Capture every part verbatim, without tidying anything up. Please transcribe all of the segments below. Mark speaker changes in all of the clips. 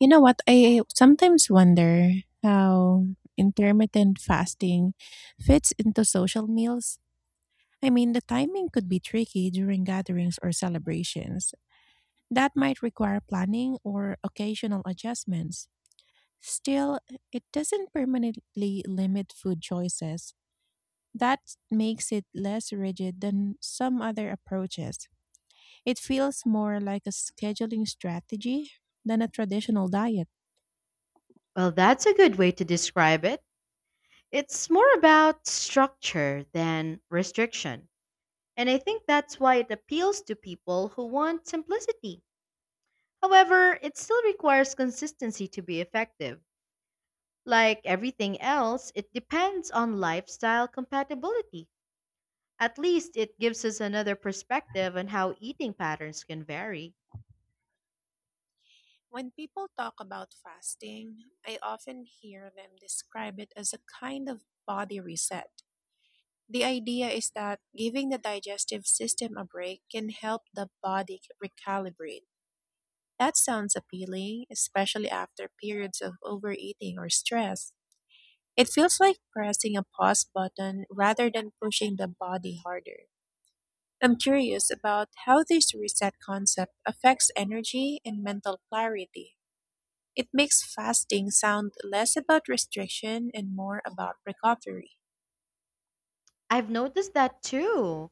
Speaker 1: You know what? I sometimes wonder how intermittent fasting fits into social meals. I mean, the timing could be tricky during gatherings or celebrations. That might require planning or occasional adjustments. Still, it doesn't permanently limit food choices. That makes it less rigid than some other approaches. It feels more like a scheduling strategy than a traditional diet.
Speaker 2: Well, that's a good way to describe it. It's more about structure than restriction. And I think that's why it appeals to people who want simplicity. However, it still requires consistency to be effective. Like everything else, it depends on lifestyle compatibility. At least it gives us another perspective on how eating patterns can vary.
Speaker 1: When people talk about fasting, I often hear them describe it as a kind of body reset. The idea is that giving the digestive system a break can help the body recalibrate. That sounds appealing, especially after periods of overeating or stress. It feels like pressing a pause button rather than pushing the body harder. I'm curious about how this reset concept affects energy and mental clarity. It makes fasting sound less about restriction and more about recovery.
Speaker 2: I've noticed that too.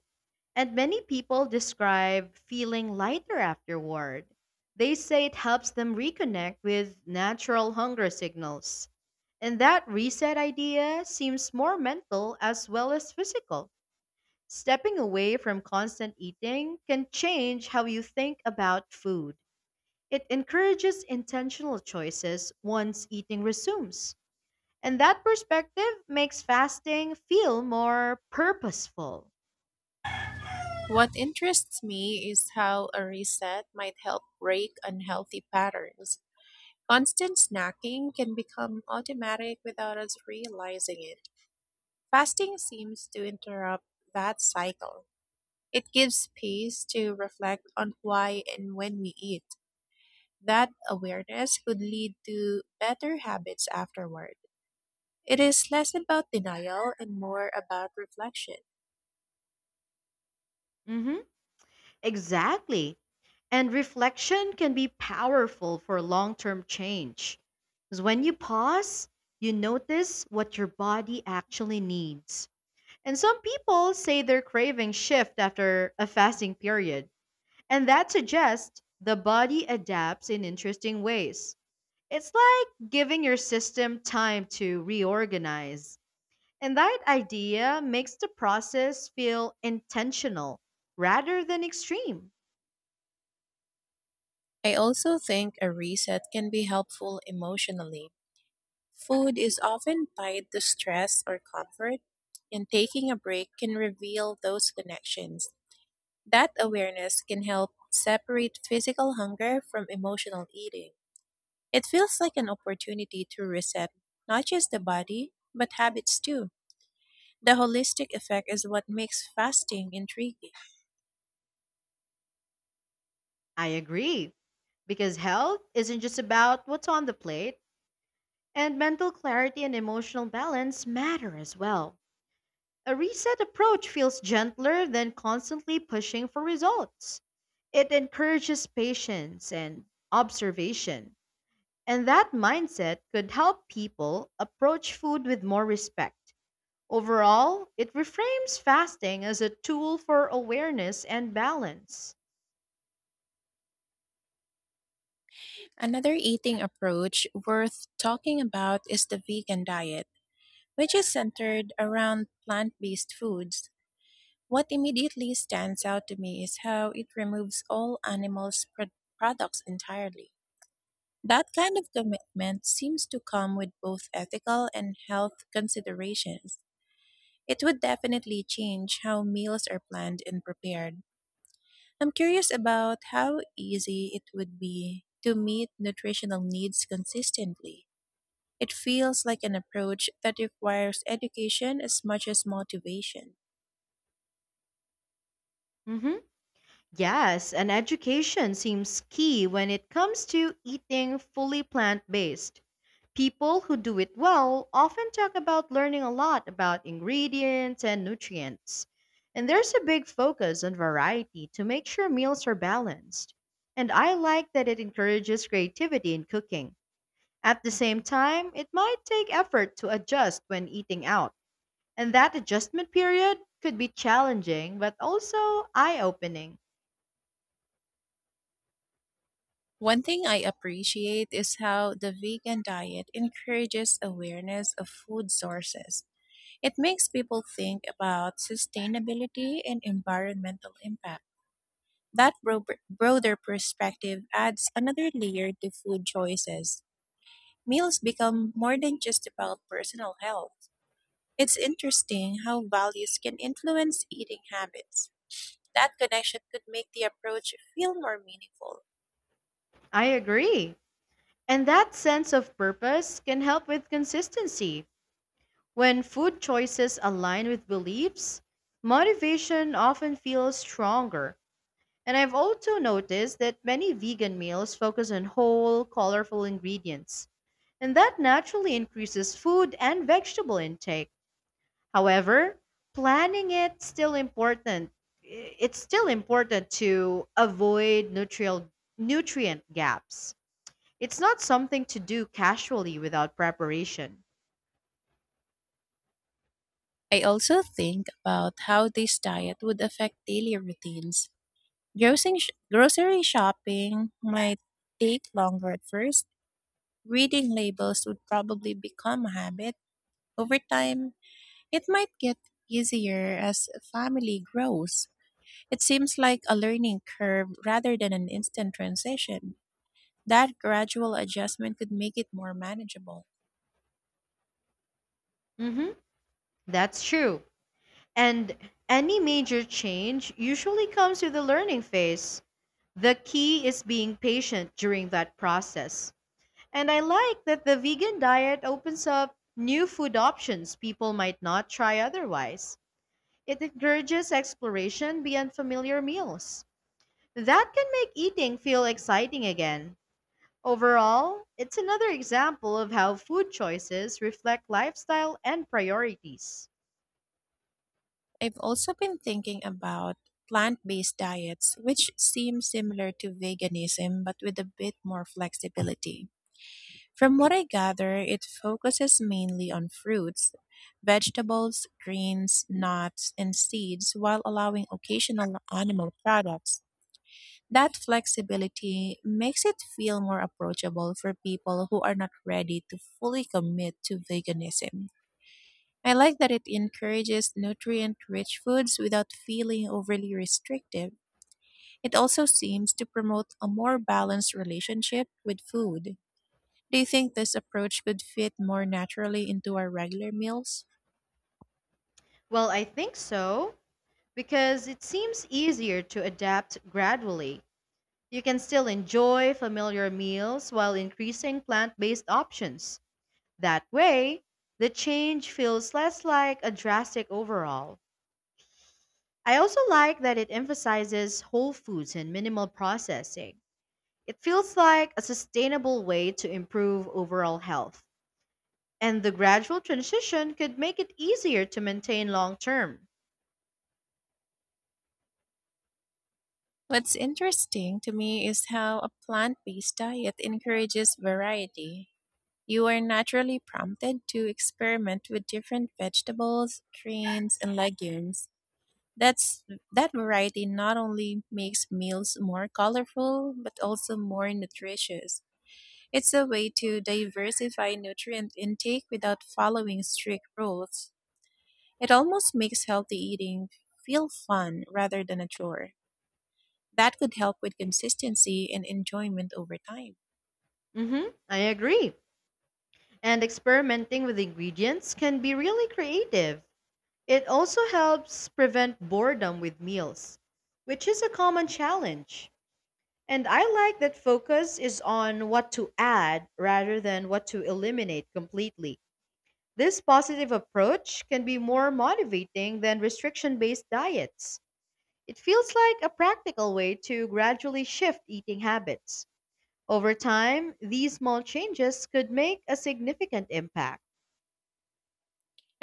Speaker 2: And many people describe feeling lighter afterward. They say it helps them reconnect with natural hunger signals. And that reset idea seems more mental as well as physical. Stepping away from constant eating can change how you think about food. It encourages intentional choices once eating resumes. And that perspective makes fasting feel more purposeful.
Speaker 1: What interests me is how a reset might help break unhealthy patterns. Constant snacking can become automatic without us realizing it. Fasting seems to interrupt that cycle. It gives space to reflect on why and when we eat. That awareness could lead to better habits afterward. It is less about denial and more about reflection.
Speaker 2: Mhm. Exactly. And reflection can be powerful for long term change. Because when you pause, you notice what your body actually needs. And some people say their cravings shift after a fasting period. And that suggests the body adapts in interesting ways. It's like giving your system time to reorganize. And that idea makes the process feel intentional rather than extreme.
Speaker 1: I also think a reset can be helpful emotionally. Food is often tied to stress or comfort, and taking a break can reveal those connections. That awareness can help separate physical hunger from emotional eating. It feels like an opportunity to reset not just the body, but habits too. The holistic effect is what makes fasting intriguing.
Speaker 2: I agree, because health isn't just about what's on the plate, and mental clarity and emotional balance matter as well. A reset approach feels gentler than constantly pushing for results. It encourages patience and observation, and that mindset could help people approach food with more respect. Overall, it reframes fasting as a tool for awareness and balance.
Speaker 1: Another eating approach worth talking about is the vegan diet, which is centered around plant based foods. What immediately stands out to me is how it removes all animals' pro- products entirely. That kind of commitment seems to come with both ethical and health considerations. It would definitely change how meals are planned and prepared. I'm curious about how easy it would be to meet nutritional needs consistently. It feels like an approach that requires education as much as motivation.
Speaker 2: Mhm. Yes, and education seems key when it comes to eating fully plant based. People who do it well often talk about learning a lot about ingredients and nutrients. And there's a big focus on variety to make sure meals are balanced. And I like that it encourages creativity in cooking. At the same time, it might take effort to adjust when eating out. And that adjustment period could be challenging, but also eye opening.
Speaker 1: One thing I appreciate is how the vegan diet encourages awareness of food sources. It makes people think about sustainability and environmental impact. That bro- broader perspective adds another layer to food choices. Meals become more than just about personal health. It's interesting how values can influence eating habits. That connection could make the approach feel more meaningful.
Speaker 2: I agree. And that sense of purpose can help with consistency. When food choices align with beliefs, motivation often feels stronger. And I've also noticed that many vegan meals focus on whole, colorful ingredients, and that naturally increases food and vegetable intake. However, planning it still important. It's still important to avoid nutrient nutrient gaps. It's not something to do casually without preparation.
Speaker 1: I also think about how this diet would affect daily routines. Grocery, sh- grocery shopping might take longer at first. Reading labels would probably become a habit. Over time, it might get easier as a family grows. It seems like a learning curve rather than an instant transition. That gradual adjustment could make it more manageable.
Speaker 2: Mhm. That's true. And any major change usually comes with a learning phase. The key is being patient during that process. And I like that the vegan diet opens up new food options people might not try otherwise. It encourages exploration beyond familiar meals. That can make eating feel exciting again. Overall, it's another example of how food choices reflect lifestyle and priorities.
Speaker 1: I've also been thinking about plant based diets, which seem similar to veganism but with a bit more flexibility. From what I gather, it focuses mainly on fruits, vegetables, greens, nuts, and seeds while allowing occasional animal products. That flexibility makes it feel more approachable for people who are not ready to fully commit to veganism. I like that it encourages nutrient rich foods without feeling overly restrictive. It also seems to promote a more balanced relationship with food. Do you think this approach could fit more naturally into our regular meals?
Speaker 2: Well, I think so, because it seems easier to adapt gradually. You can still enjoy familiar meals while increasing plant based options. That way, the change feels less like a drastic overhaul. I also like that it emphasizes whole foods and minimal processing. It feels like a sustainable way to improve overall health. And the gradual transition could make it easier to maintain long term.
Speaker 1: What's interesting to me is how a plant based diet encourages variety. You are naturally prompted to experiment with different vegetables, greens, and legumes. That's that variety not only makes meals more colorful but also more nutritious. It's a way to diversify nutrient intake without following strict rules. It almost makes healthy eating feel fun rather than a chore. That could help with consistency and enjoyment over time.
Speaker 2: hmm I agree. And experimenting with ingredients can be really creative. It also helps prevent boredom with meals, which is a common challenge. And I like that focus is on what to add rather than what to eliminate completely. This positive approach can be more motivating than restriction based diets. It feels like a practical way to gradually shift eating habits. Over time, these small changes could make a significant impact.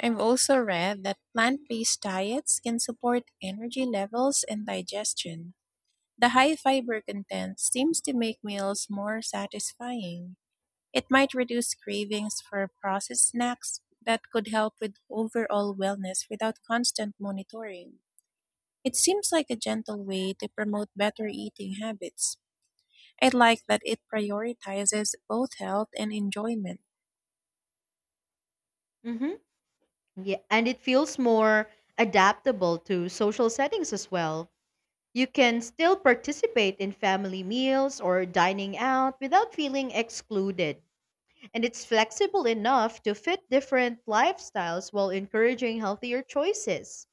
Speaker 1: I've also read that plant-based diets can support energy levels and digestion. The high fiber content seems to make meals more satisfying. It might reduce cravings for processed snacks that could help with overall wellness without constant monitoring. It seems like a gentle way to promote better eating habits. I like that it prioritizes both health and enjoyment.
Speaker 2: hmm Yeah, and it feels more adaptable to social settings as well. You can still participate in family meals or dining out without feeling excluded. And it's flexible enough to fit different lifestyles while encouraging healthier choices.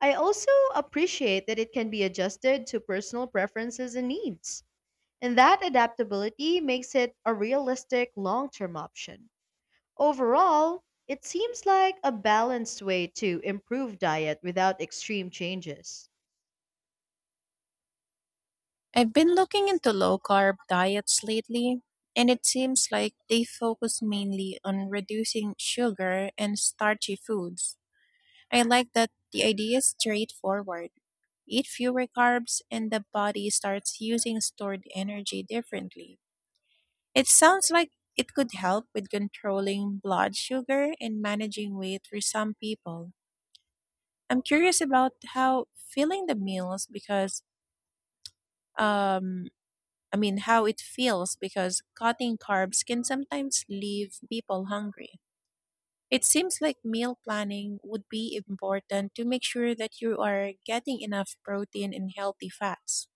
Speaker 2: I also appreciate that it can be adjusted to personal preferences and needs, and that adaptability makes it a realistic long term option. Overall, it seems like a balanced way to improve diet without extreme changes.
Speaker 1: I've been looking into low carb diets lately, and it seems like they focus mainly on reducing sugar and starchy foods. I like that the idea is straightforward. Eat fewer carbs, and the body starts using stored energy differently. It sounds like it could help with controlling blood sugar and managing weight for some people. I'm curious about how filling the meals because, um, I mean, how it feels because cutting carbs can sometimes leave people hungry. It seems like meal planning would be important to make sure that you are getting enough protein and healthy fats.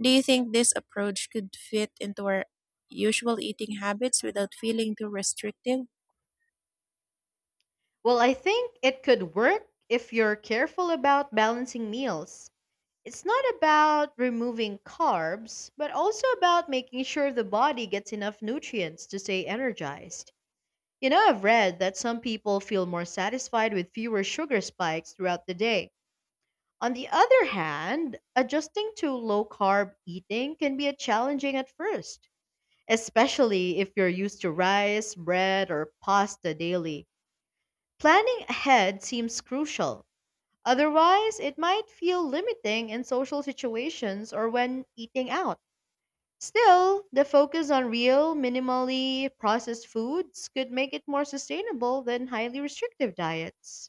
Speaker 1: Do you think this approach could fit into our usual eating habits without feeling too restrictive?
Speaker 2: Well, I think it could work if you're careful about balancing meals. It's not about removing carbs, but also about making sure the body gets enough nutrients to stay energized. You know, I've read that some people feel more satisfied with fewer sugar spikes throughout the day. On the other hand, adjusting to low carb eating can be a challenging at first, especially if you're used to rice, bread, or pasta daily. Planning ahead seems crucial. Otherwise, it might feel limiting in social situations or when eating out. Still, the focus on real, minimally processed foods could make it more sustainable than highly restrictive diets.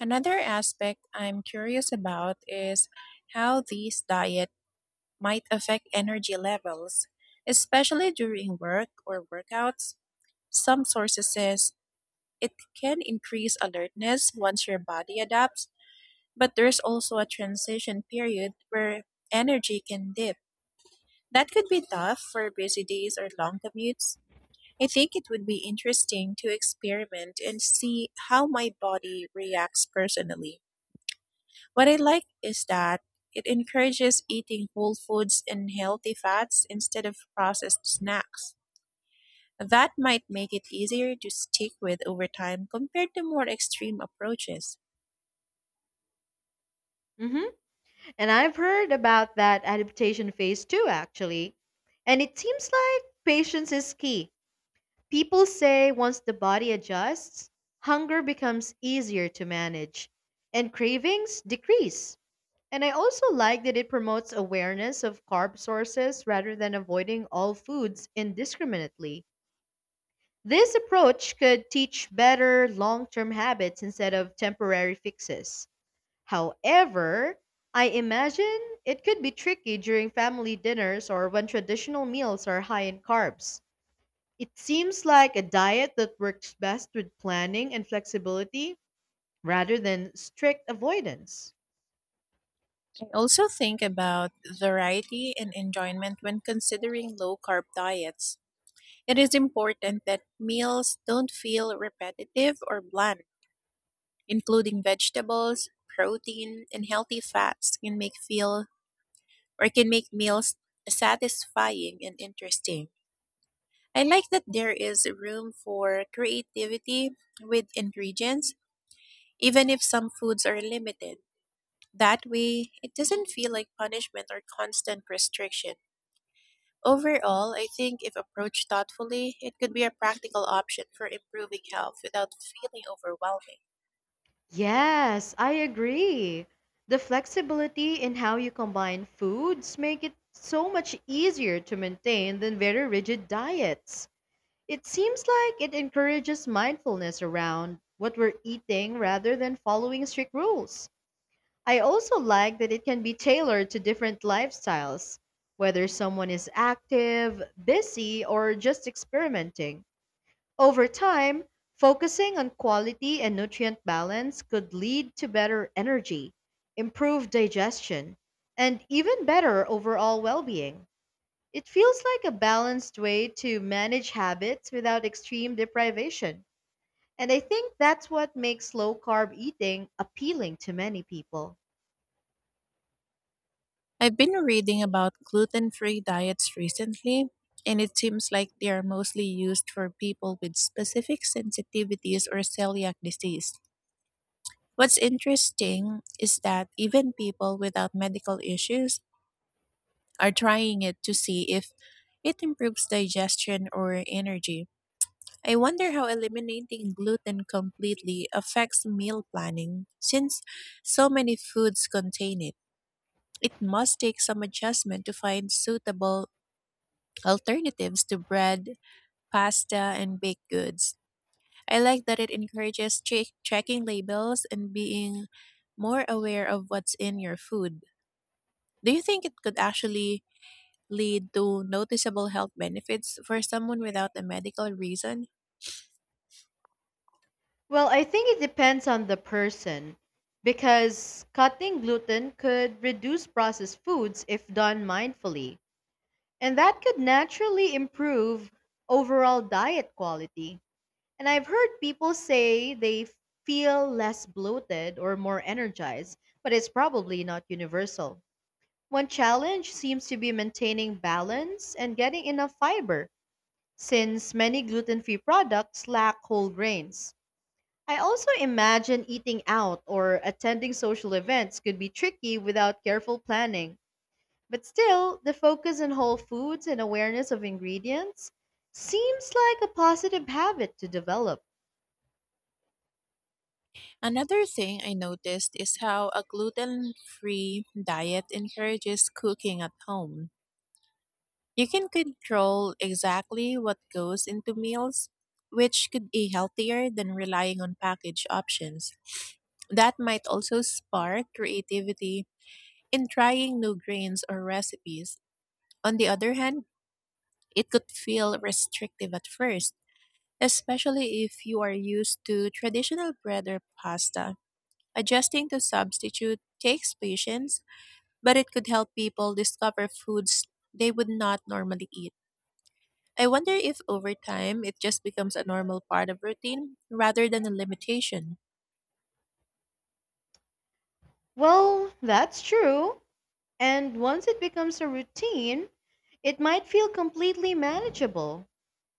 Speaker 1: Another aspect I'm curious about is how these diets might affect energy levels, especially during work or workouts. Some sources says it can increase alertness once your body adapts, but there's also a transition period where energy can dip. That could be tough for busy days or long commutes. I think it would be interesting to experiment and see how my body reacts personally. What I like is that it encourages eating whole foods and healthy fats instead of processed snacks. That might make it easier to stick with over time compared to more extreme approaches.
Speaker 2: hmm And I've heard about that adaptation phase too, actually. And it seems like patience is key. People say once the body adjusts, hunger becomes easier to manage and cravings decrease. And I also like that it promotes awareness of carb sources rather than avoiding all foods indiscriminately. This approach could teach better long term habits instead of temporary fixes. However, I imagine it could be tricky during family dinners or when traditional meals are high in carbs. It seems like a diet that works best with planning and flexibility rather than strict avoidance.
Speaker 1: I also think about variety and enjoyment when considering low carb diets. It is important that meals don't feel repetitive or bland including vegetables, protein, and healthy fats can make feel or can make meals satisfying and interesting. I like that there is room for creativity with ingredients, even if some foods are limited. That way, it doesn't feel like punishment or constant restriction. Overall, I think if approached thoughtfully, it could be a practical option for improving health without feeling overwhelming.
Speaker 2: Yes, I agree. The flexibility in how you combine foods make it so much easier to maintain than very rigid diets. It seems like it encourages mindfulness around what we're eating rather than following strict rules. I also like that it can be tailored to different lifestyles, whether someone is active, busy, or just experimenting. Over time, focusing on quality and nutrient balance could lead to better energy, improved digestion, and even better overall well being. It feels like a balanced way to manage habits without extreme deprivation. And I think that's what makes low carb eating appealing to many people.
Speaker 1: I've been reading about gluten free diets recently, and it seems like they are mostly used for people with specific sensitivities or celiac disease. What's interesting is that even people without medical issues are trying it to see if it improves digestion or energy. I wonder how eliminating gluten completely affects meal planning since so many foods contain it. It must take some adjustment to find suitable alternatives to bread, pasta, and baked goods. I like that it encourages che- checking labels and being more aware of what's in your food. Do you think it could actually lead to noticeable health benefits for someone without a medical reason?
Speaker 2: Well, I think it depends on the person because cutting gluten could reduce processed foods if done mindfully. And that could naturally improve overall diet quality. And I've heard people say they feel less bloated or more energized, but it's probably not universal. One challenge seems to be maintaining balance and getting enough fiber, since many gluten free products lack whole grains. I also imagine eating out or attending social events could be tricky without careful planning. But still, the focus on whole foods and awareness of ingredients seems like a positive habit to develop.
Speaker 1: Another thing I noticed is how a gluten free diet encourages cooking at home. You can control exactly what goes into meals, which could be healthier than relying on packaged options. That might also spark creativity in trying new grains or recipes. On the other hand, it could feel restrictive at first, especially if you are used to traditional bread or pasta. Adjusting to substitute takes patience, but it could help people discover foods they would not normally eat. I wonder if over time it just becomes a normal part of routine rather than a limitation.
Speaker 2: Well, that's true. And once it becomes a routine, it might feel completely manageable.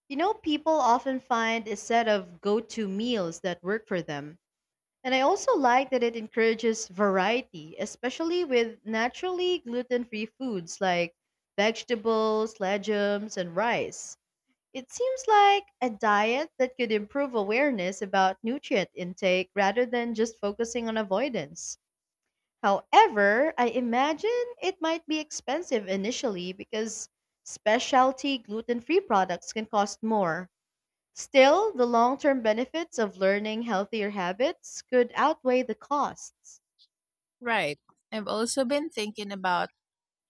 Speaker 2: You know, people often find a set of go to meals that work for them. And I also like that it encourages variety, especially with naturally gluten free foods like vegetables, legumes, and rice. It seems like a diet that could improve awareness about nutrient intake rather than just focusing on avoidance. However, I imagine it might be expensive initially because specialty gluten free products can cost more. Still, the long-term benefits of learning healthier habits could outweigh the costs.
Speaker 1: Right. I've also been thinking about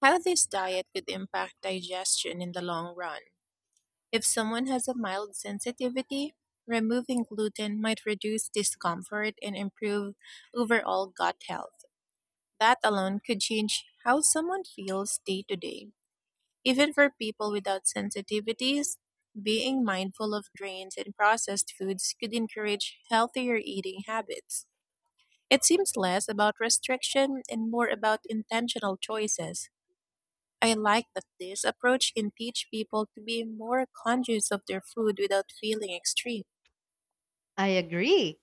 Speaker 1: how this diet could impact digestion in the long run. If someone has a mild sensitivity, removing gluten might reduce discomfort and improve overall gut health. That alone could change how someone feels day to day. Even for people without sensitivities, being mindful of grains and processed foods could encourage healthier eating habits. It seems less about restriction and more about intentional choices. I like that this approach can teach people to be more conscious of their food without feeling extreme.
Speaker 2: I agree,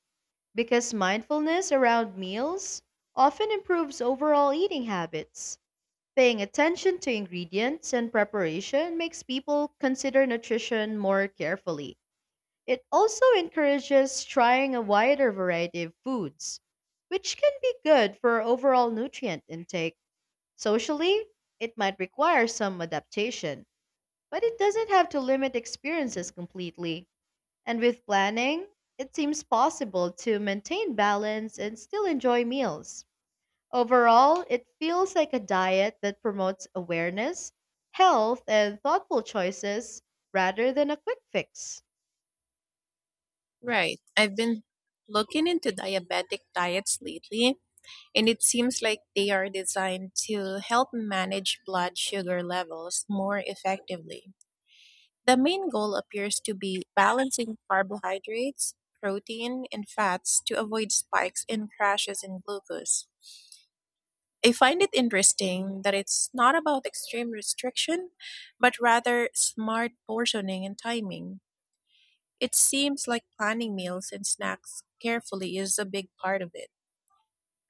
Speaker 2: because mindfulness around meals often improves overall eating habits. Paying attention to ingredients and preparation makes people consider nutrition more carefully. It also encourages trying a wider variety of foods, which can be good for overall nutrient intake. Socially, it might require some adaptation. But it doesn't have to limit experiences completely. And with planning, it seems possible to maintain balance and still enjoy meals. Overall, it feels like a diet that promotes awareness, health, and thoughtful choices rather than a quick fix.
Speaker 1: Right. I've been looking into diabetic diets lately, and it seems like they are designed to help manage blood sugar levels more effectively. The main goal appears to be balancing carbohydrates, protein, and fats to avoid spikes and crashes in glucose. I find it interesting that it's not about extreme restriction, but rather smart portioning and timing. It seems like planning meals and snacks carefully is a big part of it.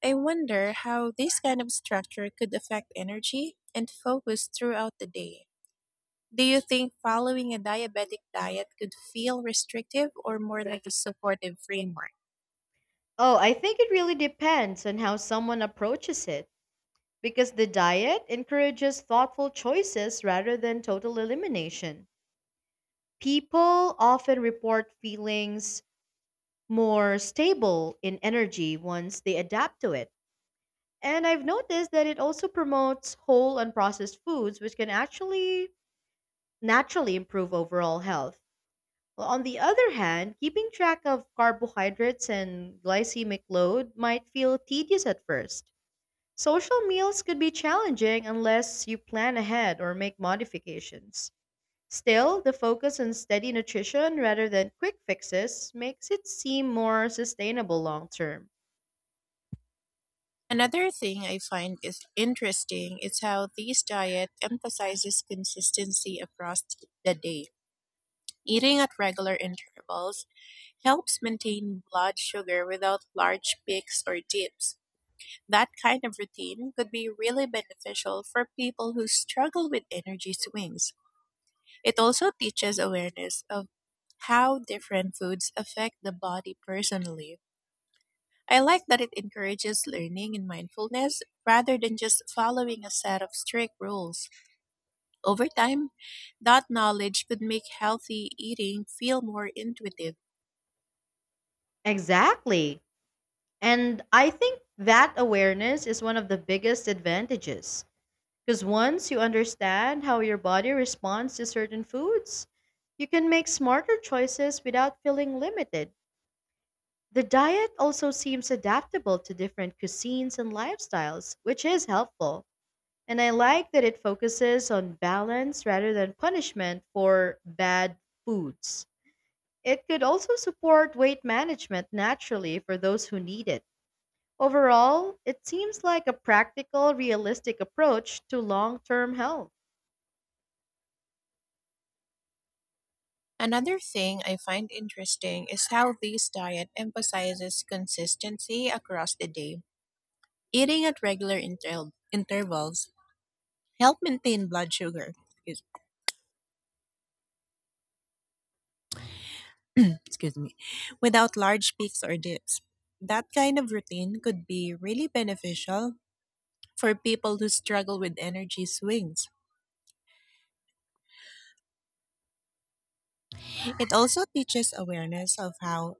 Speaker 1: I wonder how this kind of structure could affect energy and focus throughout the day. Do you think following a diabetic diet could feel restrictive or more like a supportive framework?
Speaker 2: Oh, I think it really depends on how someone approaches it because the diet encourages thoughtful choices rather than total elimination. People often report feelings more stable in energy once they adapt to it. And I've noticed that it also promotes whole unprocessed foods, which can actually naturally improve overall health. Well, on the other hand, keeping track of carbohydrates and glycemic load might feel tedious at first. Social meals could be challenging unless you plan ahead or make modifications. Still, the focus on steady nutrition rather than quick fixes makes it seem more sustainable long term.
Speaker 1: Another thing I find is interesting is how this diet emphasizes consistency across the day. Eating at regular intervals helps maintain blood sugar without large peaks or dips. That kind of routine could be really beneficial for people who struggle with energy swings. It also teaches awareness of how different foods affect the body personally. I like that it encourages learning and mindfulness rather than just following a set of strict rules. Over time, that knowledge could make healthy eating feel more intuitive.
Speaker 2: Exactly. And I think that awareness is one of the biggest advantages. Because once you understand how your body responds to certain foods, you can make smarter choices without feeling limited. The diet also seems adaptable to different cuisines and lifestyles, which is helpful. And I like that it focuses on balance rather than punishment for bad foods. It could also support weight management naturally for those who need it. Overall, it seems like a practical, realistic approach to long term health.
Speaker 1: Another thing I find interesting is how this diet emphasizes consistency across the day. Eating at regular inter- intervals help maintain blood sugar excuse me, without large peaks or dips. That kind of routine could be really beneficial for people who struggle with energy swings. It also teaches awareness of how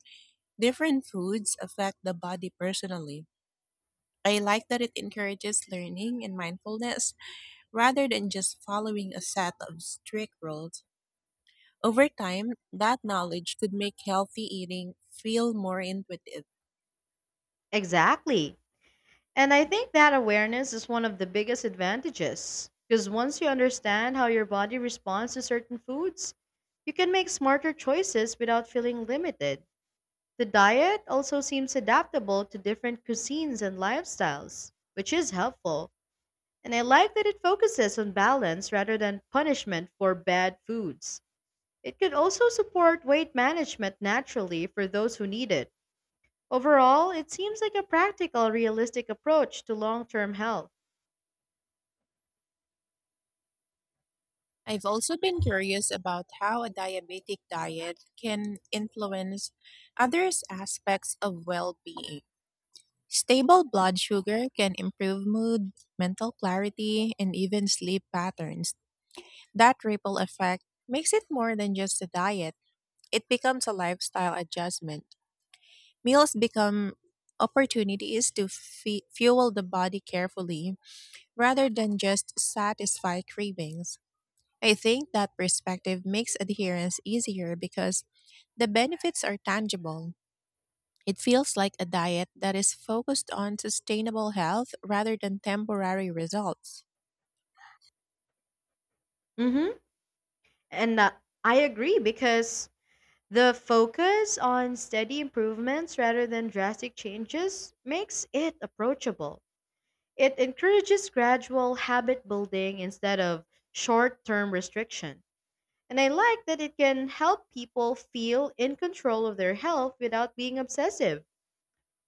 Speaker 1: different foods affect the body personally. I like that it encourages learning and mindfulness rather than just following a set of strict rules. Over time, that knowledge could make healthy eating feel more intuitive.
Speaker 2: Exactly. And I think that awareness is one of the biggest advantages. Because once you understand how your body responds to certain foods, you can make smarter choices without feeling limited. The diet also seems adaptable to different cuisines and lifestyles, which is helpful. And I like that it focuses on balance rather than punishment for bad foods. It could also support weight management naturally for those who need it. Overall, it seems like a practical, realistic approach to long term health.
Speaker 1: I've also been curious about how a diabetic diet can influence other aspects of well being. Stable blood sugar can improve mood, mental clarity, and even sleep patterns. That ripple effect makes it more than just a diet, it becomes a lifestyle adjustment. Meals become opportunities to fe- fuel the body carefully rather than just satisfy cravings. I think that perspective makes adherence easier because the benefits are tangible. It feels like a diet that is focused on sustainable health rather than temporary results.
Speaker 2: Hmm And uh, I agree because the focus on steady improvements rather than drastic changes makes it approachable. It encourages gradual habit building instead of short term restriction. And I like that it can help people feel in control of their health without being obsessive.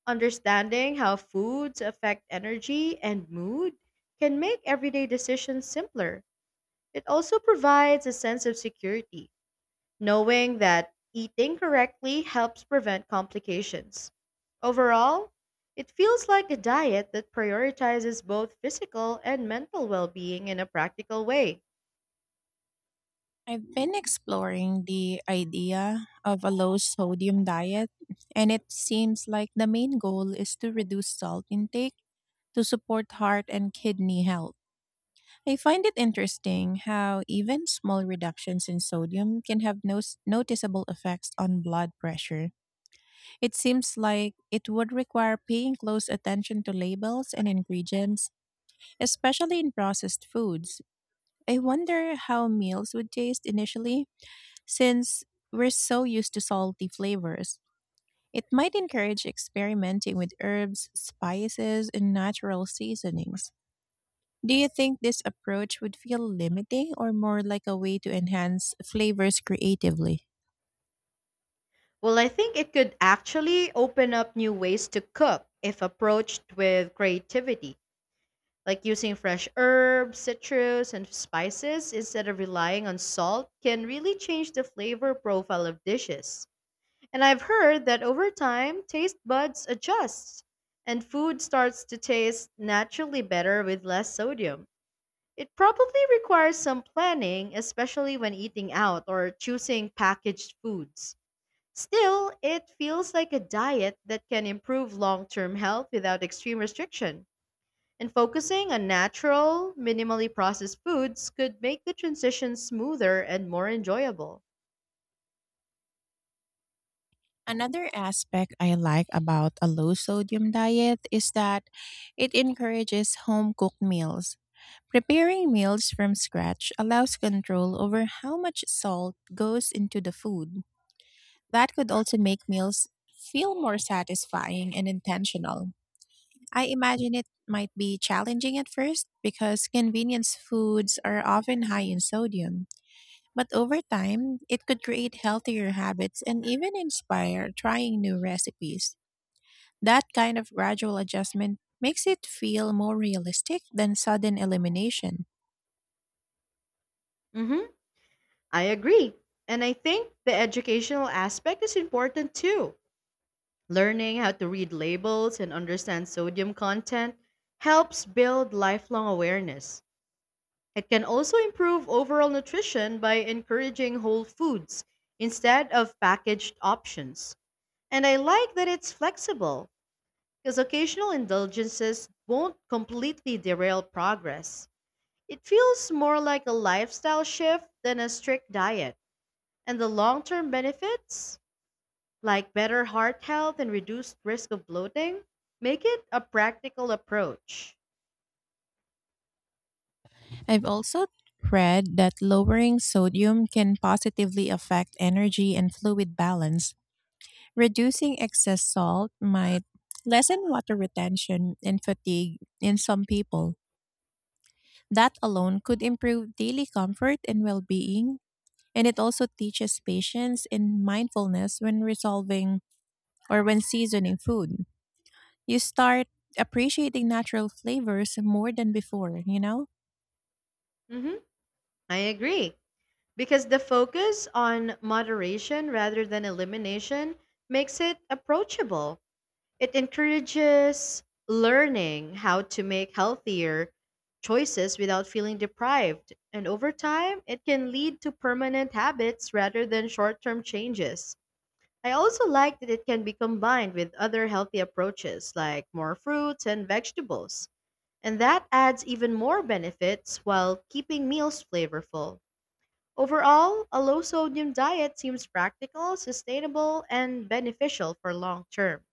Speaker 2: Understanding how foods affect energy and mood can make everyday decisions simpler. It also provides a sense of security, knowing that eating correctly helps prevent complications. Overall, it feels like a diet that prioritizes both physical and mental well being in a practical way.
Speaker 1: I've been exploring the idea of a low sodium diet, and it seems like the main goal is to reduce salt intake to support heart and kidney health. I find it interesting how even small reductions in sodium can have no noticeable effects on blood pressure. It seems like it would require paying close attention to labels and ingredients, especially in processed foods. I wonder how meals would taste initially, since we're so used to salty flavors. It might encourage experimenting with herbs, spices, and natural seasonings. Do you think this approach would feel limiting or more like a way to enhance flavors creatively?
Speaker 2: Well, I think it could actually open up new ways to cook if approached with creativity. Like using fresh herbs, citrus, and spices instead of relying on salt can really change the flavor profile of dishes. And I've heard that over time, taste buds adjust and food starts to taste naturally better with less sodium. It probably requires some planning, especially when eating out or choosing packaged foods. Still, it feels like a diet that can improve long term health without extreme restriction. And focusing on natural, minimally processed foods could make the transition smoother and more enjoyable.
Speaker 1: Another aspect I like about a low sodium diet is that it encourages home cooked meals. Preparing meals from scratch allows control over how much salt goes into the food. That could also make meals feel more satisfying and intentional. I imagine it might be challenging at first because convenience foods are often high in sodium. But over time, it could create healthier habits and even inspire trying new recipes. That kind of gradual adjustment makes it feel more realistic than sudden elimination.
Speaker 2: Mm-hmm. I agree. And I think the educational aspect is important too. Learning how to read labels and understand sodium content helps build lifelong awareness. It can also improve overall nutrition by encouraging whole foods instead of packaged options. And I like that it's flexible. Because occasional indulgences won't completely derail progress. It feels more like a lifestyle shift than a strict diet. And the long term benefits, like better heart health and reduced risk of bloating, make it a practical approach.
Speaker 1: I've also read that lowering sodium can positively affect energy and fluid balance. Reducing excess salt might lessen water retention and fatigue in some people. That alone could improve daily comfort and well being. And it also teaches patience and mindfulness when resolving or when seasoning food. You start appreciating natural flavors more than before, you know?
Speaker 2: hmm I agree. Because the focus on moderation rather than elimination makes it approachable. It encourages learning how to make healthier choices without feeling deprived. And over time, it can lead to permanent habits rather than short term changes. I also like that it can be combined with other healthy approaches like more fruits and vegetables. And that adds even more benefits while keeping meals flavorful. Overall, a low sodium diet seems practical, sustainable, and beneficial for long term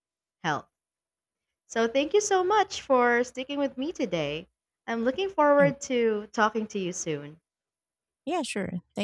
Speaker 2: health. So thank you so much for sticking with me today. I'm looking
Speaker 1: Yep.
Speaker 2: forward to talking to you soon.
Speaker 1: Yeah, sure. Thank